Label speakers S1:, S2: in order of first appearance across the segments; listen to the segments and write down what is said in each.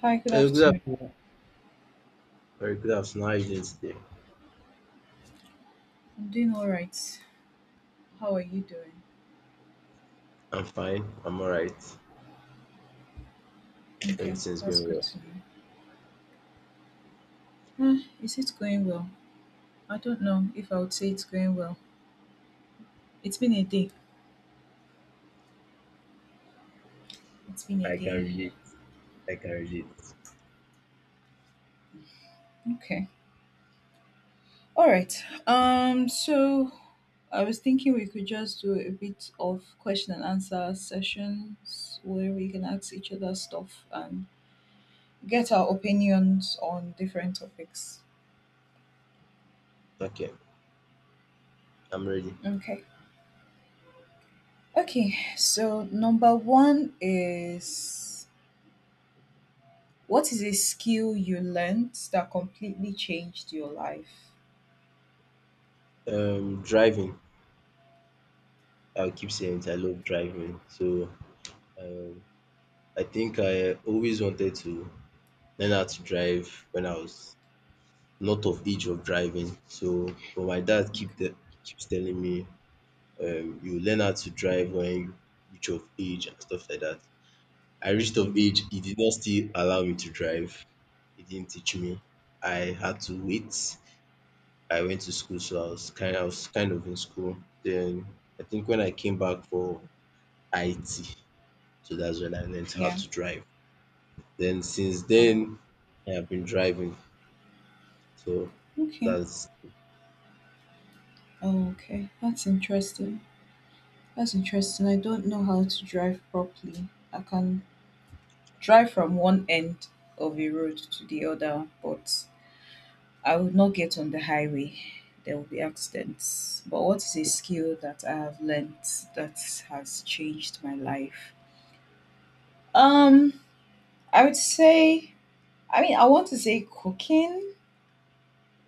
S1: Hi, good
S2: Hey, good
S1: afternoon.
S2: afternoon. Very good afternoon. How are you doing today?
S1: I'm doing all right. How are you doing?
S2: I'm fine. I'm all right.
S1: Okay,
S2: Everything's
S1: that's
S2: going
S1: good
S2: well.
S1: to know. Is it going well? I don't know if I would say it's going well. It's been a day. It's been a
S2: I can
S1: day.
S2: relate. I can relate.
S1: Okay. All right. So I was thinking we could just do a bit of question and answer sessions where we can ask each other stuff and get our opinions on different topics.
S2: Okay, I'm ready.
S1: Okay. Okay. So number one is, what is a skill you learned that completely changed your life?
S2: Driving. I'll keep saying it. I love driving. So, um, I think I always wanted to learn how to drive when I was not of age of driving. So, but my dad
S1: Okay.
S2: keeps telling me, you learn how to drive when you reach of age and stuff like that. I reached of
S1: Mm,
S2: age, he did not still allow me to drive. He didn't teach me. I had to wait. I went to school, so I was kind of in school. Then I think when I came back for IT, so that's when I learned how
S1: yeah.
S2: to drive. Then since
S1: Oh.
S2: then I have been driving. So
S1: Okay.
S2: that's
S1: Oh, okay. That's interesting. That's interesting. I don't know how to drive properly. I can drive from one end of a road to the other, but I would not get on the highway. There will be accidents. But what is a skill that I have learnt that has changed my life? Um, I would say, I mean, I want to say cooking.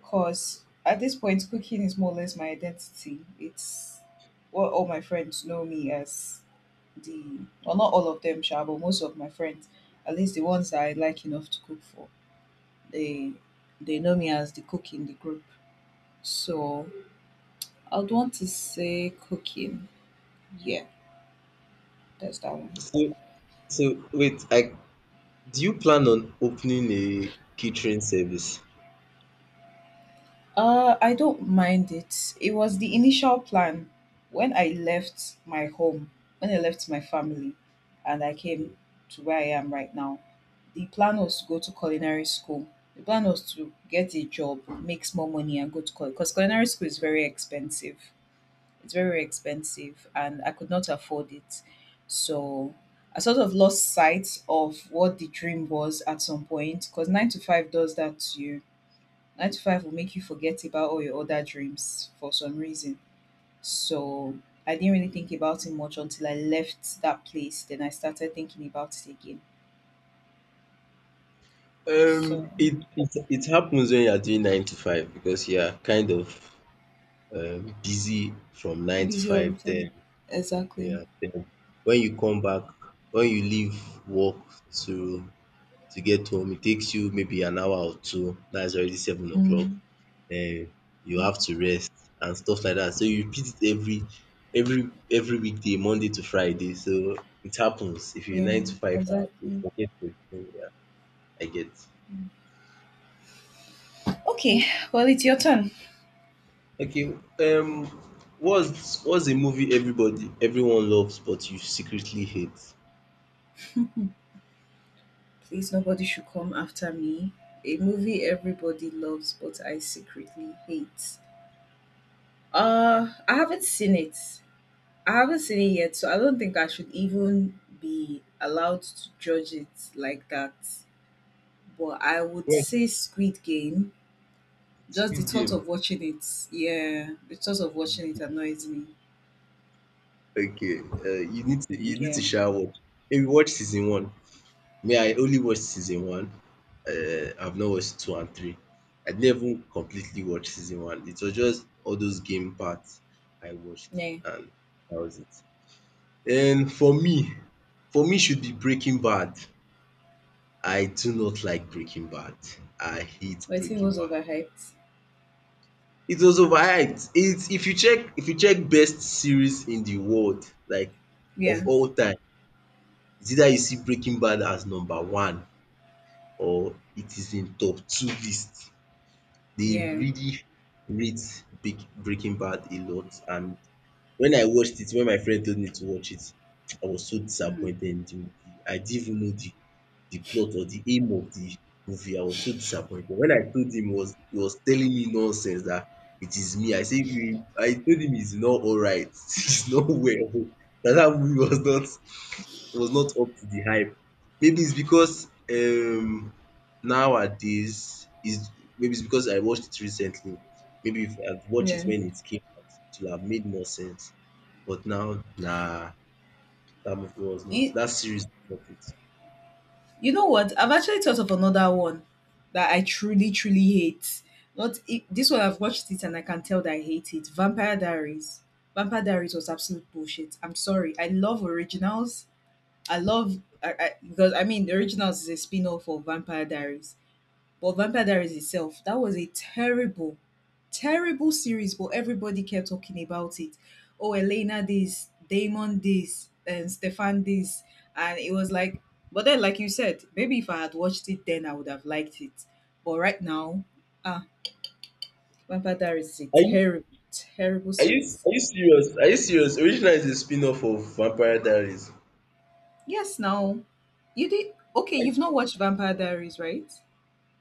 S1: 'Cause at this point, cooking is more or less my identity. It's what all my friends know me as, the well, not all of them, sha, but most of my friends, at least the ones that I like enough to cook for, they they know me as the cook in the group. So I'd want to say cooking. Yeah, that's that one.
S2: so so wait, I do you plan on opening a catering service?
S1: I don't mind it. It was the initial plan when I left my home, when I left my family, and I came to where I am right now. The plan was to go to culinary school. The plan was to get a job, make more money, and go to college, because culinary school is very expensive. It's very expensive, and I could not afford it. So I sort of lost sight of what the dream was at some point, because 9 to 5 does that to you. 9 to 5 will make you forget about all your other dreams for some reason. So I didn't really think about it much until I left that place. Then I started thinking about it again. So
S2: It happens when you are doing nine to five because you are kind of busy from nine to
S1: busy all
S2: five.
S1: the
S2: then
S1: time. Exactly.
S2: yeah, then when you come back, when you leave work to to get home, it takes you maybe an hour or two. That's already 7 o'clock.
S1: Mm,
S2: Then you have
S1: mhm.
S2: to rest and stuff like that. So you repeat it every weekday, Monday to Friday. So it happens. If you're
S1: Yeah,
S2: nine to five, you
S1: exactly.
S2: forget to thing. Yeah, I get.
S1: Okay, well, it's your turn.
S2: Okay. Um, what's a movie everybody everyone loves but you secretly hate?
S1: Please, nobody should come after me. A movie everybody loves, but I secretly hate. I haven't seen it. I haven't seen it yet, so I don't think I should even be allowed to judge it like that. But I would say Squid Game. Just the
S2: Squid
S1: thought
S2: Game.
S1: of watching it, yeah, the thought of watching it annoys me.
S2: Okay, you need to
S1: Yeah,
S2: sha watch. Maybe watch season one. Me, I only watched season one. I've not watched two and three. I didn't even completely watch season one. It was just all those game parts I watched,
S1: yeah.
S2: and that was it. And for me should be Breaking Bad. I do not like Breaking Bad. I hate
S1: But I think it
S2: Breaking
S1: was
S2: Bad.
S1: overhyped.
S2: It was overhyped. It's if you check best series in the world, like of
S1: Yeah,
S2: all time. It's either you see Breaking Bad as number one or it is in top two list. They
S1: yeah,
S2: really rate Breaking Bad a lot, and when I watched it, when my friend told me to watch it, I was so
S1: mm.
S2: disappointed in the movie. I didn't even know the plot or the aim of the movie. I was so disappointed. When I told him he was telling me nonsense that it is me. I said, you I told him it's not alright, it's not well, that movie was not up to the hype. Maybe it's because um nowadays is Maybe it's because I watched it recently. Maybe if I had watched it
S1: Yeah.
S2: when it came out, it would have made more sense. But now, nah,
S1: It,
S2: that series was not it.
S1: You know what? I've actually thought of another one that I truly, truly hate. Not it, this one. I've watched it and I can tell that I hate it. Vampire Diaries. Vampire Diaries was absolute bullshit. I'm sorry. I love Originals. I, because I mean, the Originals is a spin-off of Vampire Diaries. But Vampire Diaries itself, that was a terrible, terrible series, but everybody kept talking about it. Oh, Elena this, Damon this, and Stefan this. And it was like, but then, like you said, maybe if I had watched it then, I would have liked it. But right now, ah, Vampire Diaries is a
S2: Are
S1: terrible, terrible
S2: Are you
S1: series.
S2: are you serious? Are you serious? Original is a spin-off of Vampire Diaries.
S1: Yes, now, you did. Okay,
S2: I,
S1: you've not watched Vampire Diaries, right?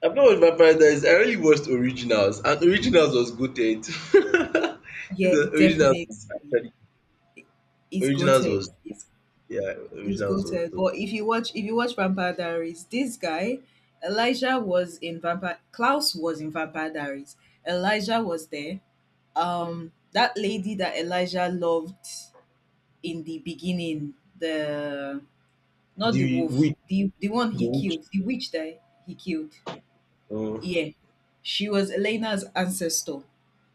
S2: I've not watched Vampire Diaries. I only watched Originals, and Originals was gutted. It's
S1: Yeah,
S2: a- Originals
S1: definitely.
S2: was actually
S1: It's
S2: Originals
S1: goated.
S2: was
S1: It's
S2: yeah
S1: He's
S2: Originals was
S1: goated.
S2: dope.
S1: But if you watch Vampire Diaries, this guy, Elijah was in Vampire. Klaus was in Vampire Diaries. Elijah was there. That lady that Elijah loved in the beginning, the not the
S2: The
S1: wolf,
S2: witch,
S1: the one
S2: the
S1: he
S2: witch.
S1: killed, the witch that he killed.
S2: Oh,
S1: Yeah, she was Elena's ancestor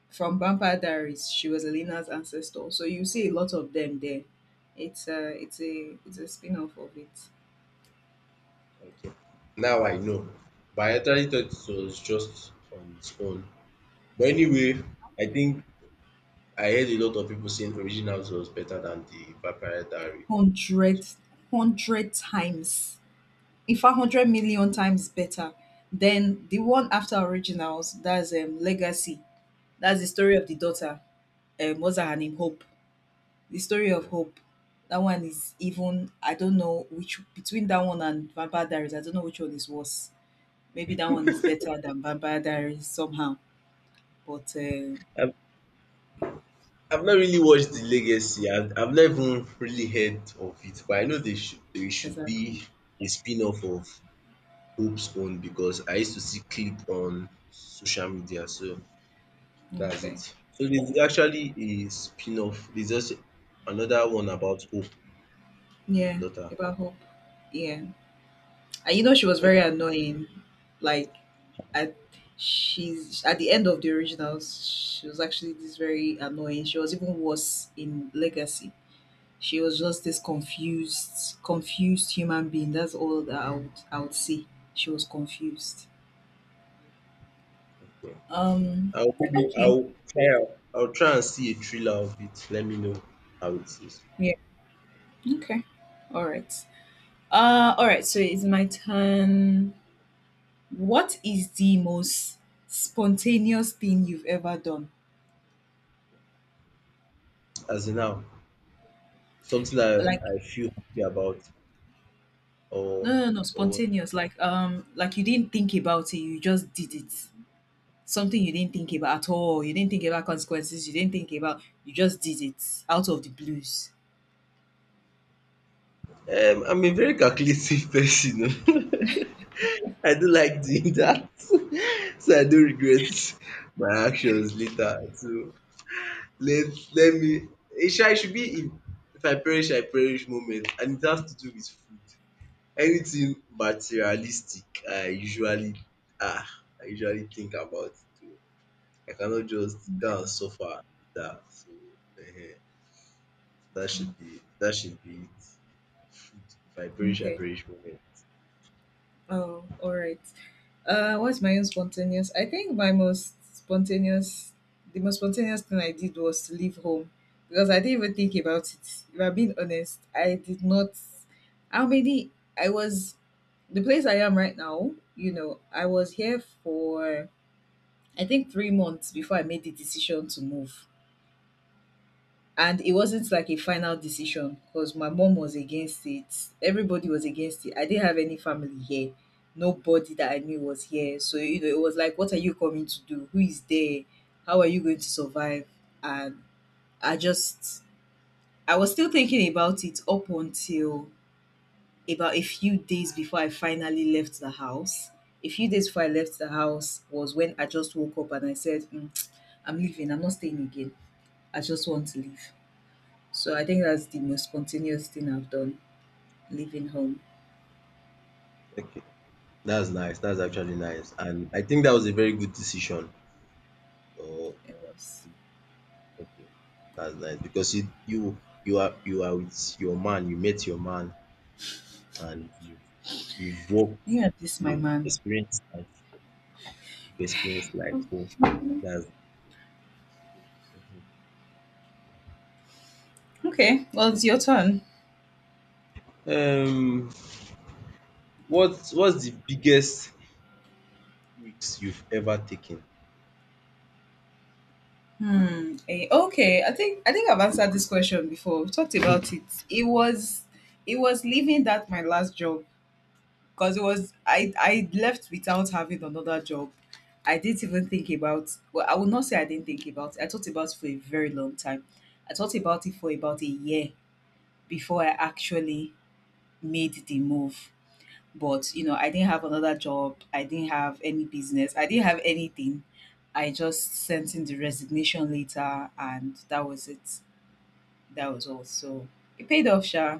S1: from Vampire Diaries. She was Elena's ancestor. So you see a lot of them there. It's a spin off of
S2: okay. Now I know, but I actually thought it was just on its own. But anyway,
S1: it.
S2: I think I heard a lot of people saying Originals was better than the Vampire Diaries.
S1: Hundred, hundred times, in fact 100,000,000 times better than the one after Originals, that's, Legacy. That's the story of the daughter, what's her name? Hope. The story of
S2: Uh,
S1: Hope. That one is even I don't know which between that one and Vampire Diaries, I don't know which one is worse. Maybe that one is better than Vampire Diaries somehow, but,
S2: I've not really watched the Legacy. I've not even really heard of it, but I know they should be
S1: exactly.
S2: a spin-off of Hope's Own because I used to see clip on social media, so that's it.
S1: Okay.
S2: So there's actually a spin-off. There's also another one about Hope, the
S1: Yeah,
S2: daughter.
S1: about Hope. Yeah. And you know, she was very
S2: Okay.
S1: annoying, like, at she's at the end of the Originals, she was actually this very annoying, she was even worse in Legacy, she was just this confused human being, that's all that I would see. She was confused. um
S2: I'll maybe
S1: okay,
S2: I'll try and- I'll try and see a trailer of it. Let me know how it is.
S1: yeah, okay, all right, all right, so it's my turn. What is the most spontaneous thing you've ever done?
S2: As in now, something
S1: Like,
S2: I feel happy about or
S1: no, no, no,
S2: or.
S1: spontaneous like, like you didn't think about it, you just did it, something you didn't think about at all. You didn't think about consequences. You didn't think about. You just did it out of the blues.
S2: I'm a very calculative person. I do like doing that. So I do regret my actions later. So let let me, it should be, if I perish, I perish moment, and it has to do with food. Anything materialistic I usually ah I usually think about it. Oh. I cannot just
S1: Okay.
S2: go and suffer with that. So um that
S1: Mm,
S2: should be it. Food. If I perish, I
S1: okay.
S2: perish moment.
S1: Oh, all right. What's my own spontaneous? I think the most spontaneous thing I did was to leave home, because I didn't even think about it. If I'm being honest, I did not. How many? I was the place I am right now. You know, I was here for, I think, 3 months before I made the decision to move. And it wasn't like a final decision, because my mom was against it, everybody was against it, I didn't have any family here, nobody that I knew was here, so, you know, it was like, what are you coming to do? Who is there? How are you going to survive? And i just I was still thinking about it up until about a few days before I finally left the house. A few days before I left the house was when I just woke up and I said, "Mm, I'm leaving, I'm not staying again, I just want to leave." So I think that's the most spontaneous thing I've done, leaving home.
S2: Okay. That's nice. That's actually nice. And I think that was a very good decision. Oh,
S1: It was.
S2: okay. That's nice because you are with your man. You met your man, and you've worked,
S1: Yeah, this my
S2: you've
S1: man.
S2: experienced life, you've experienced life. So that's
S1: Okay, well, it's your turn.
S2: nice. What's the biggest risk you've ever taken?
S1: Hmm. Okay, I think I've answered this question before. We talked about it. It was it was leaving that my last job, because it was I left without having another job. I didn't even think about. Well, I would not say I didn't think about it. I thought about it for a very long time. I thought about it for about a year before I actually made the move. But, you know, I didn't have another job. I didn't have any business. I didn't have anything. I just sent in the resignation letter and that was it. That was all. So it paid off, sha.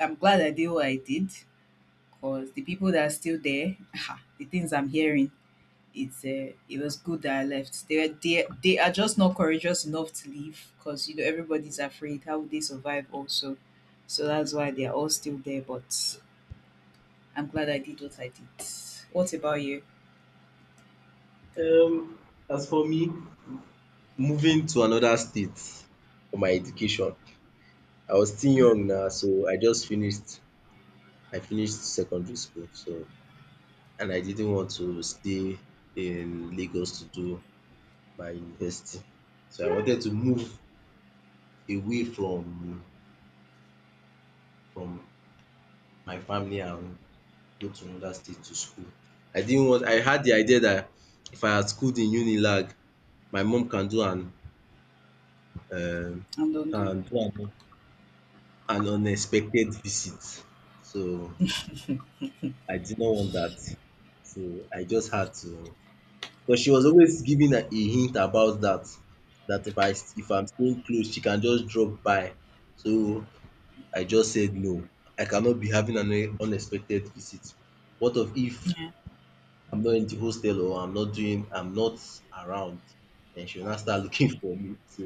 S1: I'm glad I did what I did, because the people that are still there, ah, the things I'm hearing, it's, it was good that I left. They are just not courageous enough to leave, because, you know, everybody's afraid. How would they survive also? So that's why they are all still there. But I'm glad I did. What about you?
S2: Um, as for me, moving to another state for my education. I was still young now, so I finished secondary school, so and I didn't want to stay in Lagos to do my university. So I wanted to move away from my family and go to another state to school. I didn't want I had the idea that if I had schooled in Unilag, my mum can do an um
S1: And Dondo?
S2: can do an unexpected visit. So I did not want that. So I just had to But she was always giving a hint about that, that if I'm staying close she can just drop by. So I just said no, I cannot be having an unexpected visit. What of if I'm not in the hostel or I'm not around? And she will now start looking for me. So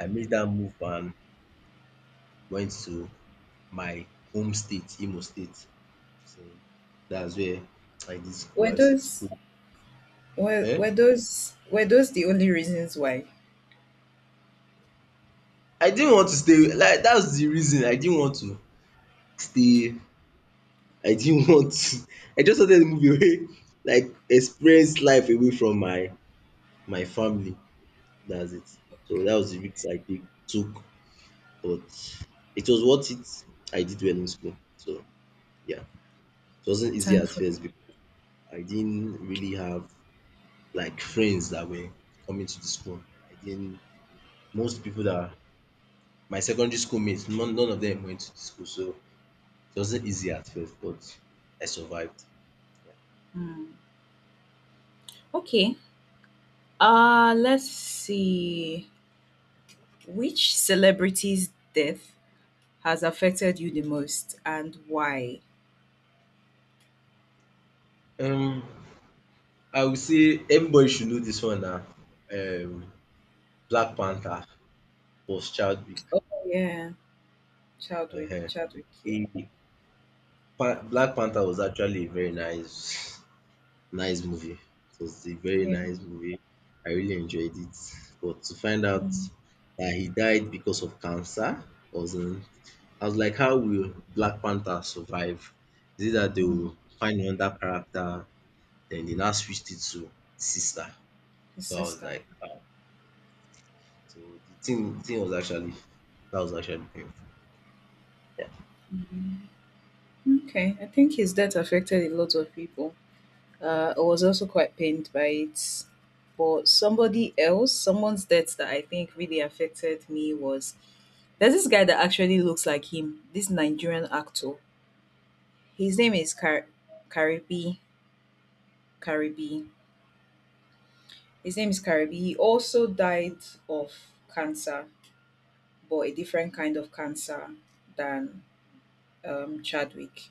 S2: I made that move and went to my home state, Imo State. So that's where I did school
S1: Were
S2: as
S1: those
S2: school.
S1: were, were
S2: um
S1: those were those the only reasons why?
S2: I didn't want to stay, like, that's the reason I didn't want to still. I didn't want to, I just wanted to move away, like experience life away from my family, dats it. So that was the risk I take took, but it was worth it. I did well in school, so yeah. It wasn't easy at
S1: Thankfully.
S2: first because I didn't really have like friends that were coming to the school. I didn't Most people that, my secondary school mates, none of them went to the school, so it wasn't easy at first but I survived.
S1: Hmm. Okay. Let's see. Which celebrity's death has affected you the most and why?
S2: um I would say everybody should know this one na, um Black Panther was Chadwick.
S1: Oh yeah. Chadwick
S2: Ehen.
S1: Chadwick, yeah.
S2: He Pan Black Panther was actually a very nice movie. It was a very
S1: Yeah.
S2: nice movie. I really enjoyed it. But to find out
S1: Mm,
S2: that he died because of cancer was, I was like how will Black Panther survive? Is it that they will
S1: mm.
S2: find another character? Then they now switched it to the sister.
S1: His
S2: So I was
S1: sister.
S2: like, so the thing thing was actually that was actually painful. Yeah.
S1: Okay. I think his death affected a lot of people. I was also quite pained by it. But somebody else, someone's death that I think really affected me was, there's this guy that actually looks like him, this Nigerian actor. His name is Karibi. Karibi. His name is Karibi. He also died of cancer, but a different kind of cancer than, Chadwick.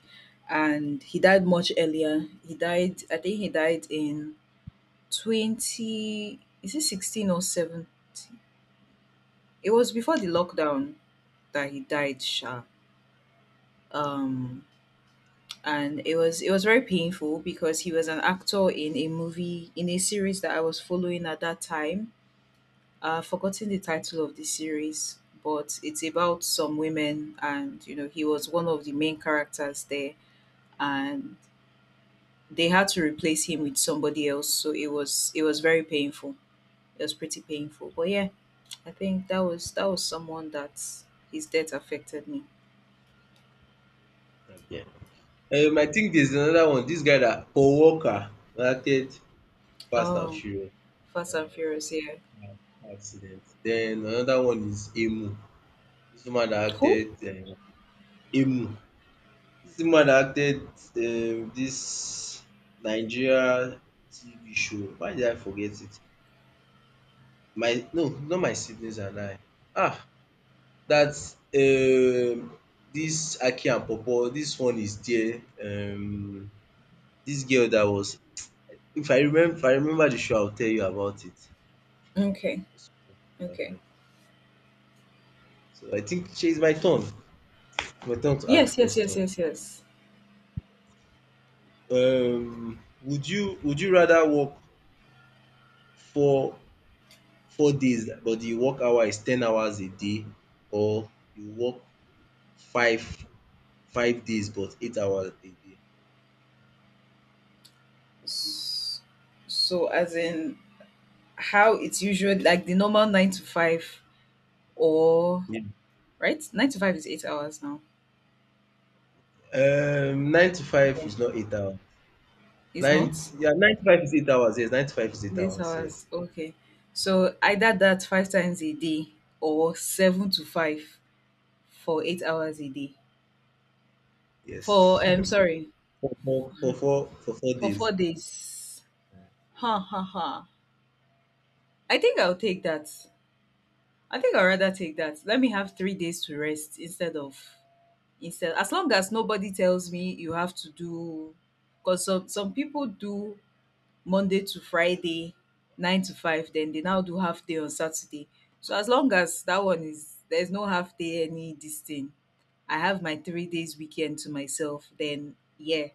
S1: And he died much earlier. He died, I think he died in 20, is it 16 or 17? It was before the lockdown that he died, sha. Um, and it was very painful, because he was an actor in a movie, in a series that I was following at that time. Forgotten the title of the series, but it's about some women, and you know, he was one of the main characters there, and they had to replace him with somebody else. So it was very painful. It was pretty painful, but yeah, I think that was someone that his death affected me.
S2: Okay. I think there's another one, this guy that Paul worker acted Fast and
S1: Oh.
S2: Furious
S1: Fast and Furious, yeah.
S2: car accident. Then another one is Emu, this woman dat
S1: Who?
S2: acted Emu. Dis woman dat acted dis Nigeria TV show, why did I forget it? My no, Not My Siblings and I. Ah! That um this Aki and Popo, this one is there, this girl that was, if I remember the show I will tell you about it.
S1: Okay, okay.
S2: Uh-huh. So I think shey it's my turn, to ask
S1: Yes, yes, yes,
S2: question.
S1: yes, yes.
S2: Would you rather work four four days but the work hour is 10 hours a day, or you work five five days but 8 hours a day?
S1: S- So, as in, how it's usually, like the normal 9 to 5, or
S2: Yeah.
S1: right? 9 to 5 is 8 hours now.
S2: Nine to five
S1: Yeah,
S2: is not 8 hours.
S1: it's not.
S2: Yeah, nine to five is 8 hours. Yes, nine to five is eight
S1: It's eight
S2: hours. Yes,
S1: hours. Okay, so either that five times a day or 7 to 5 for 8 hours a day.
S2: yes.
S1: For Sorry,
S2: for four, for four, for four
S1: for
S2: days.
S1: 4 days. Ha ha ha. I think I'll take that. I think I'd rather take that. Let me have 3 days to rest instead as long as nobody tells me you have to do, because some people do Monday to Friday, 9 to 5, then they now do half day on Saturday. So as long as that one is, there's no half day any this thing. I have my 3 days weekend to myself, then yeah.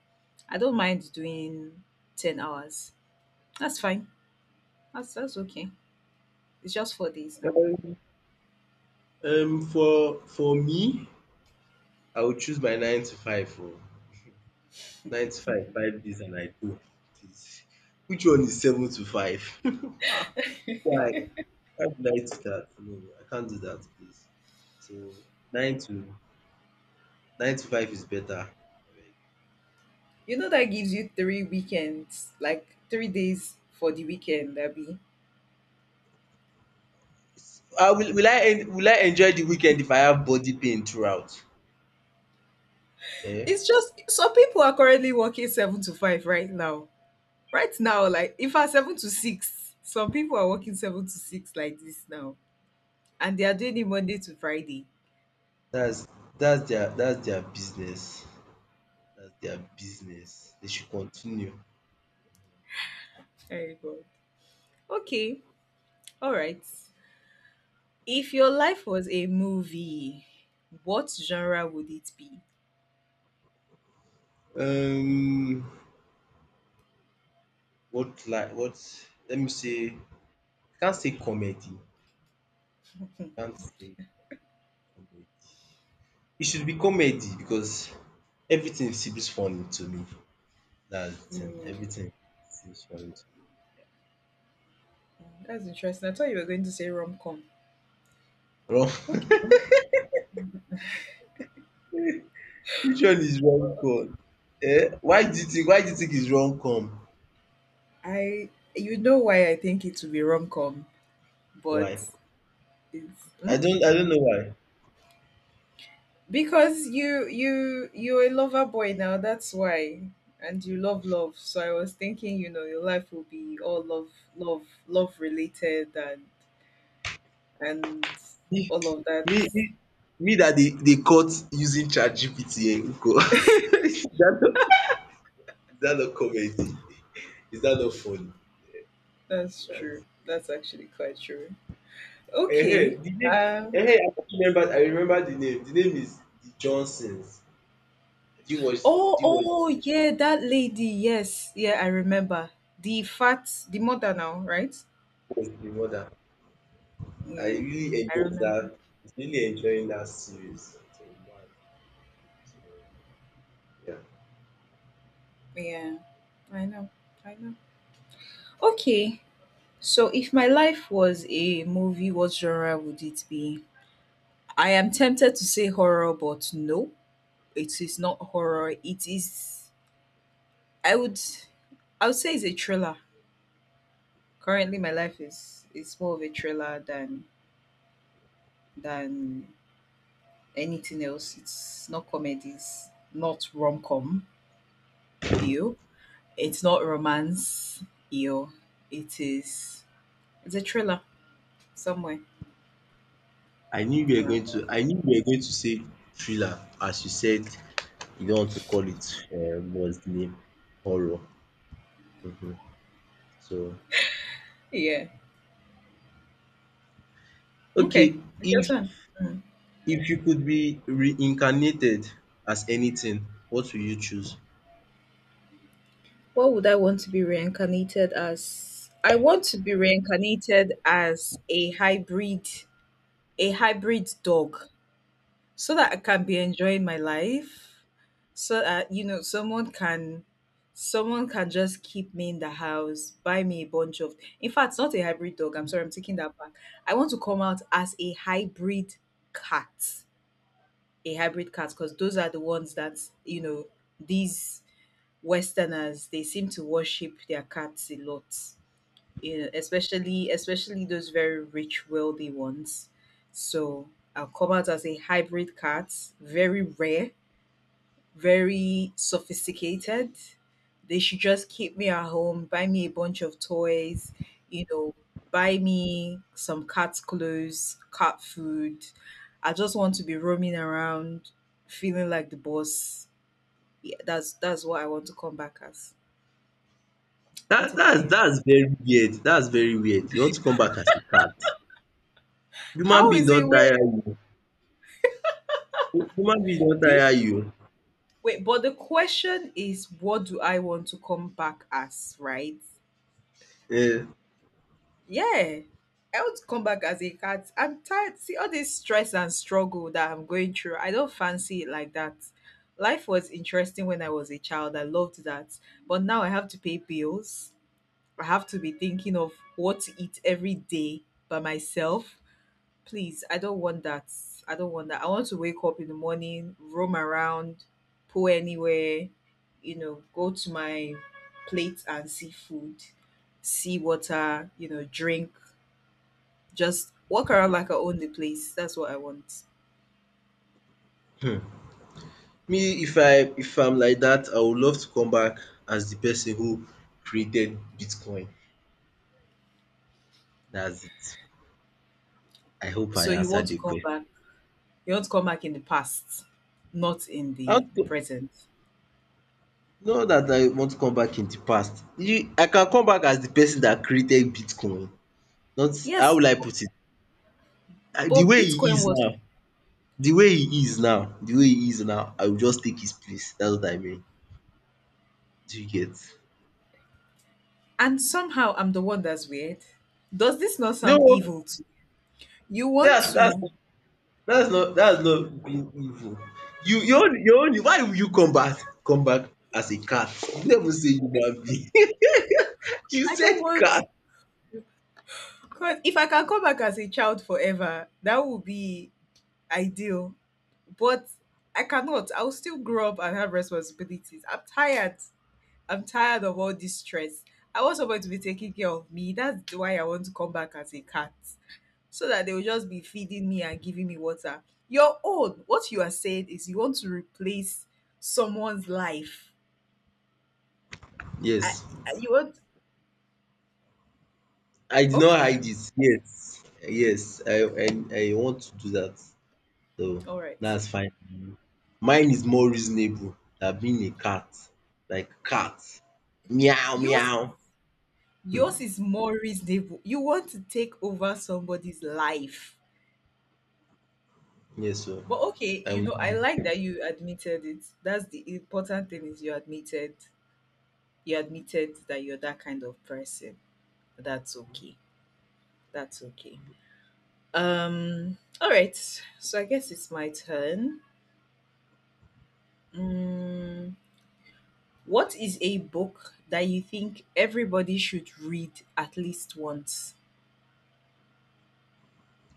S1: I don't mind doing 10 hours. That's fine. That's okay. It's just 4 days now.
S2: Um, for me, I would choose my nine to five. Oh, nine to five, 5 days, and I go. Please. Which one is seven to five? Ah, Why? Why would I do that? No, I can't do that, please. So nine to nine to five is better. Alright.
S1: You know that gives you three weekends, like 3 days for the weekend, Abby.
S2: Will I enjoy the weekend if I have body pain throughout? Eh?
S1: It's just some people are currently working 7 to 5 right now. Right now, like if I 7 to 6, some people are working 7 to 6 like this now, and they are doing it Monday to Friday.
S2: That's that's their business. That's their business. They should continue.
S1: Very good. Okay, all right. If your life was a movie, what genre would it be?
S2: Um, what Like what? Let me say. I can't say comedy. I can't say comedy. It should be comedy because everything seems funny to me. That's the thing.
S1: Hmm,
S2: Everything seems funny to me.
S1: that's interesting. I thought you were going to say rom com.
S2: Wrong?
S1: Okay.
S2: Which one is wrong com? Eh? Why do you think it's wrong com?
S1: I You know why I think it will be rom-com, but
S2: Why?
S1: it's hmm?
S2: I don't know why.
S1: Because you're a lover boy now, that's why. And you love love. So I was thinking, your life will be all love love love related and
S2: Me
S1: all of that.
S2: me me Me dat dey cut using ChatGPT nko, is dat not is that not comedy? Is dat not funny?
S1: That's
S2: Yes.
S1: true. That's actually quite true.
S2: Ehen
S1: Okay.
S2: de name
S1: Um
S2: ehen I remembered the name. The name is The Johnsons. Did
S1: oh
S2: you watch
S1: oh yeah, that lady, yes. Yeah, I remember. The mother now, right?
S2: watch The Mother? I
S1: Yeah.
S2: really
S1: I
S2: enjoyed
S1: remember.
S2: that. Was really enjoying that series. It was mad. So yeah.
S1: Yeah, I know. I know. Okay, so if my life was a movie, what genre would it be? I am tempted to say horror, but no, it is not horror. It is. I would. I would say it's a thriller. Currently, my life is it's more of a thriller than anything else. It's not comedy. It's not rom com. Ew. It's not romance. Ew. It is. It's a thriller somewhere.
S2: I knew we were going to say thriller as you said you don't want to call it, what's the name? Horror. Mhm. So,
S1: Yeah.
S2: okay,
S1: Okay. It's your
S2: if
S1: turn. Mm.
S2: if you could be reincarnated as anything, what will you choose?
S1: What would I want to be reincarnated as? I want to be reincarnated as a hybrid dog, so that I can be enjoying my life. So that someone can just keep me in the house, buy me a bunch of. In fact, not a hybrid dog. I'm sorry, I'm taking that back. I want to come out as cat, a hybrid cat, because those are the ones that these Westerners, they seem to worship their cats a lot. Especially those very rich, wealthy ones. So I'll come out as a hybrid cat, very rare, very sophisticated. They should just keep me at home, buy me a bunch of toys, you know, buy me some cat clothes, cat food. I just want to be roaming around, feeling like the boss. Yeah, that's what I want to come back as. What about
S2: That's
S1: you?
S2: very weird. That's very weird. You want to come back as a cat. Human
S1: How
S2: being
S1: is
S2: don
S1: it where
S2: tire you. Human being don
S1: you
S2: tire
S1: s-
S2: you.
S1: wait? But the question is, what do I want to come back as? Right?
S2: um
S1: Yeah, I want to come back as a cat. I'm tired. See all this stress and struggle that I'm going through. I don't fancy it like that. Life was interesting when I was a child. I loved that. But now I have to pay bills. I have to be thinking of what to eat every day by myself. Please, I don't want that. I don't want that. I want to wake up in the morning, roam around, pull anywhere, go to my plate and see food, see water, drink, just walk around like I own the place. That's what I want.
S2: Me if I'm like that, I would love to come back as the person who created Bitcoin. That's it. I hope I
S1: So you want
S2: answered
S1: to
S2: the
S1: come
S2: question.
S1: back. You want to come back in the past, not in
S2: How
S1: the
S2: to
S1: present.
S2: Not that I want to come back in the past. I can come back as the person that created Bitcoin. Not How
S1: Yes,
S2: will I put it? The
S1: but
S2: way he
S1: Bitcoin
S2: is
S1: was,
S2: now, the way he is now, the way he is now, I will just take his place. That's what I mean. Do you get?
S1: and somehow I'm the one that's weird. Does this not sound
S2: No,
S1: evil? You want
S2: that's that's
S1: to?
S2: that's not being evil. You only, why will you come back as a cat? You never say human being. You
S1: I don't
S2: said
S1: want.
S2: cat.
S1: 'Cause if I can come back as a child forever, that would be ideal. But I cannot. I'll still grow up and have responsibilities. I'm tired. I'm tired of all this stress. I want somebody to be taking care of me. That's why I want to come back as a cat. So that they will just be feeding me and giving me water. Your own, what you are saying is you want to replace someone's life. I,
S2: Yes.
S1: you want,
S2: I did not
S1: okay,
S2: hide it. Yes. Yes. I want to do that. So
S1: all right.
S2: that's fine. Mine is more reasonable than being a cat. Like cat. Meow
S1: Yours
S2: meow. Hmm.
S1: Yours is more reasonable. You want to take over somebody's life.
S2: Yes, so
S1: But okay,
S2: I
S1: you
S2: will
S1: know, I like
S2: read.
S1: that you admitted it. That's the important thing is you admitted that you're that kind of person. That's okay. That's okay. All right. So I guess it's my turn. Mm, what is a book that you think everybody should read at least once?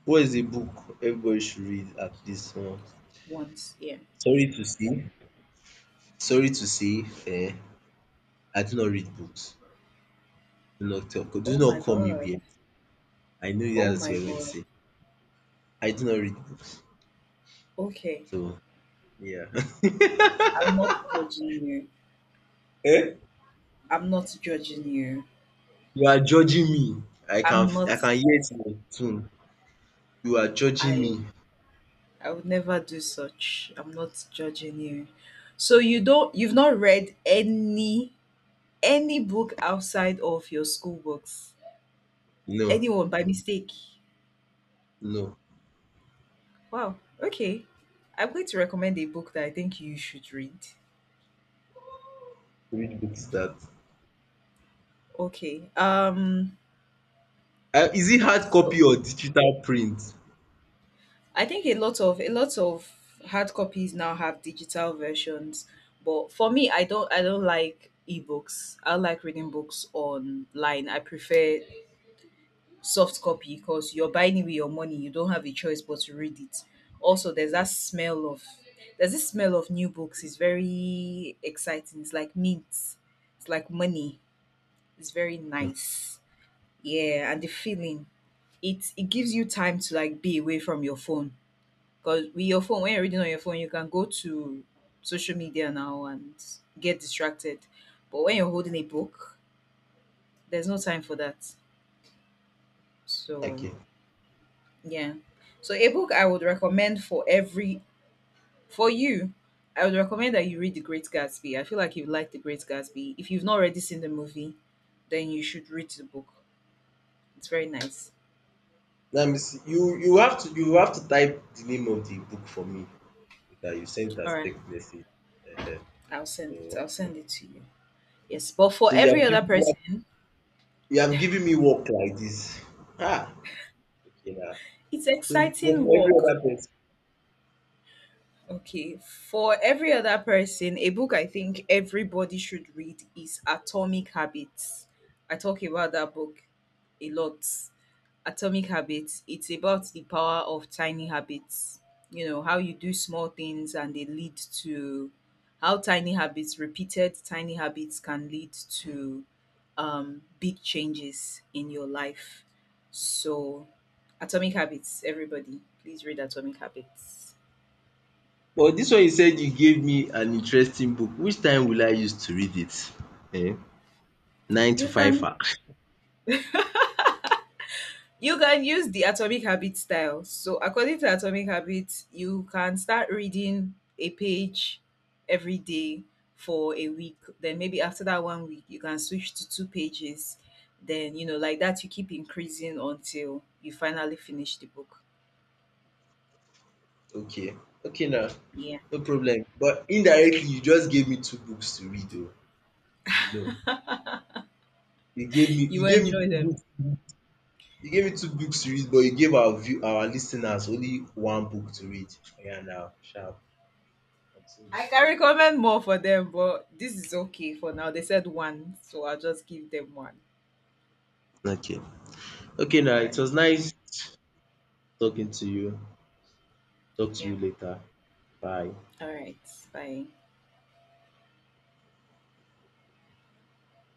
S2: What is a book everybody should read at least once?
S1: Once, yeah.
S2: Sorry to say. Sorry to say, I do not read books. Do
S1: Oh
S2: not
S1: my
S2: call me
S1: god.
S2: weird. I know
S1: Oh
S2: that's what
S1: my
S2: you're going to
S1: god.
S2: say. I do not read books.
S1: Okay.
S2: So yeah.
S1: I'm not judging you.
S2: Eh?
S1: I'm not judging you.
S2: You are judging me.
S1: I'm
S2: I
S1: not
S2: can hear it in your tone. You are judging
S1: I
S2: me.
S1: I would never do such. I'm not judging you. So you don't you've not read any book outside of your school books.
S2: No,
S1: Anyone by mistake.
S2: no.
S1: Wow. Okay. I'm going to recommend a book that I think you should read.
S2: Which book is that?
S1: Okay. Um
S2: Is it hard
S1: so
S2: copy or digital print?
S1: I think a lot of hard copies now have digital versions, but for me, I don't like ebooks. I like reading books online. I prefer soft copy because you're buying it with your money. You don't have a choice but to read it. Also, there's this smell of new books. It's very exciting. It's like mint. It's like money. It's very nice. Yeah, and the feeling. It gives you time to like be away from your phone because with your phone, when you're reading on your phone, you can go to social media now and get distracted. But when you're holding a book, there's no time for that. So,
S2: Okay.
S1: yeah. So, a book I would recommend for you, I would recommend that you read The Great Gatsby. I feel like you like The Great Gatsby. If you've not already seen the movie, then you should read the book. It's very nice.
S2: Let me see. You have to type the name of the book for me that you sent
S1: All
S2: as
S1: right.
S2: text message. Ehen.
S1: I'll send it. I'll
S2: Omo.
S1: send it to you. Yes. But for
S2: So
S1: every other person,
S2: you have given me work like this. Ah! Okay now.
S1: it's
S2: So but
S1: exciting
S2: for every
S1: work.
S2: other person,
S1: Okay, for every other person, a book I think everybody should read is Atomic Habits. I talk about that book a lot. Atomic Habits, it's about the power of tiny habits. You know, how you do small things and they lead to how tiny habits, repeated tiny habits, can lead to big changes in your life. So, Atomic Habits, everybody, please read Atomic Habits.
S2: but this one you said, you gave me an interesting book. Which time will I use to read it? Eh. Nine to
S1: You can
S2: fiver.
S1: You can use the Atomic Habits style. So, according to Atomic Habits, you can start reading a page every day for a week. Then maybe after that one week, you can switch to 2 pages. Then, like that, you keep increasing until you finally finish the book.
S2: Okay, okay now,
S1: Yeah.
S2: no problem. But indirectly you just gave me two books to read oo. No, You gave me
S1: You
S2: you
S1: will
S2: gave me
S1: enjoy
S2: two
S1: them.
S2: books you gave me two books to read but you gave our listeners only one book to read. Oh, yeah, now sharp continue.
S1: I can recommend more for them, but this is okay for now. They said one, so I'll just give them one.
S2: Okay. Okay
S1: All
S2: now, it
S1: right.
S2: was nice talking to you. Talk to
S1: Yeah.
S2: you later. Bye.
S1: All right. Bye.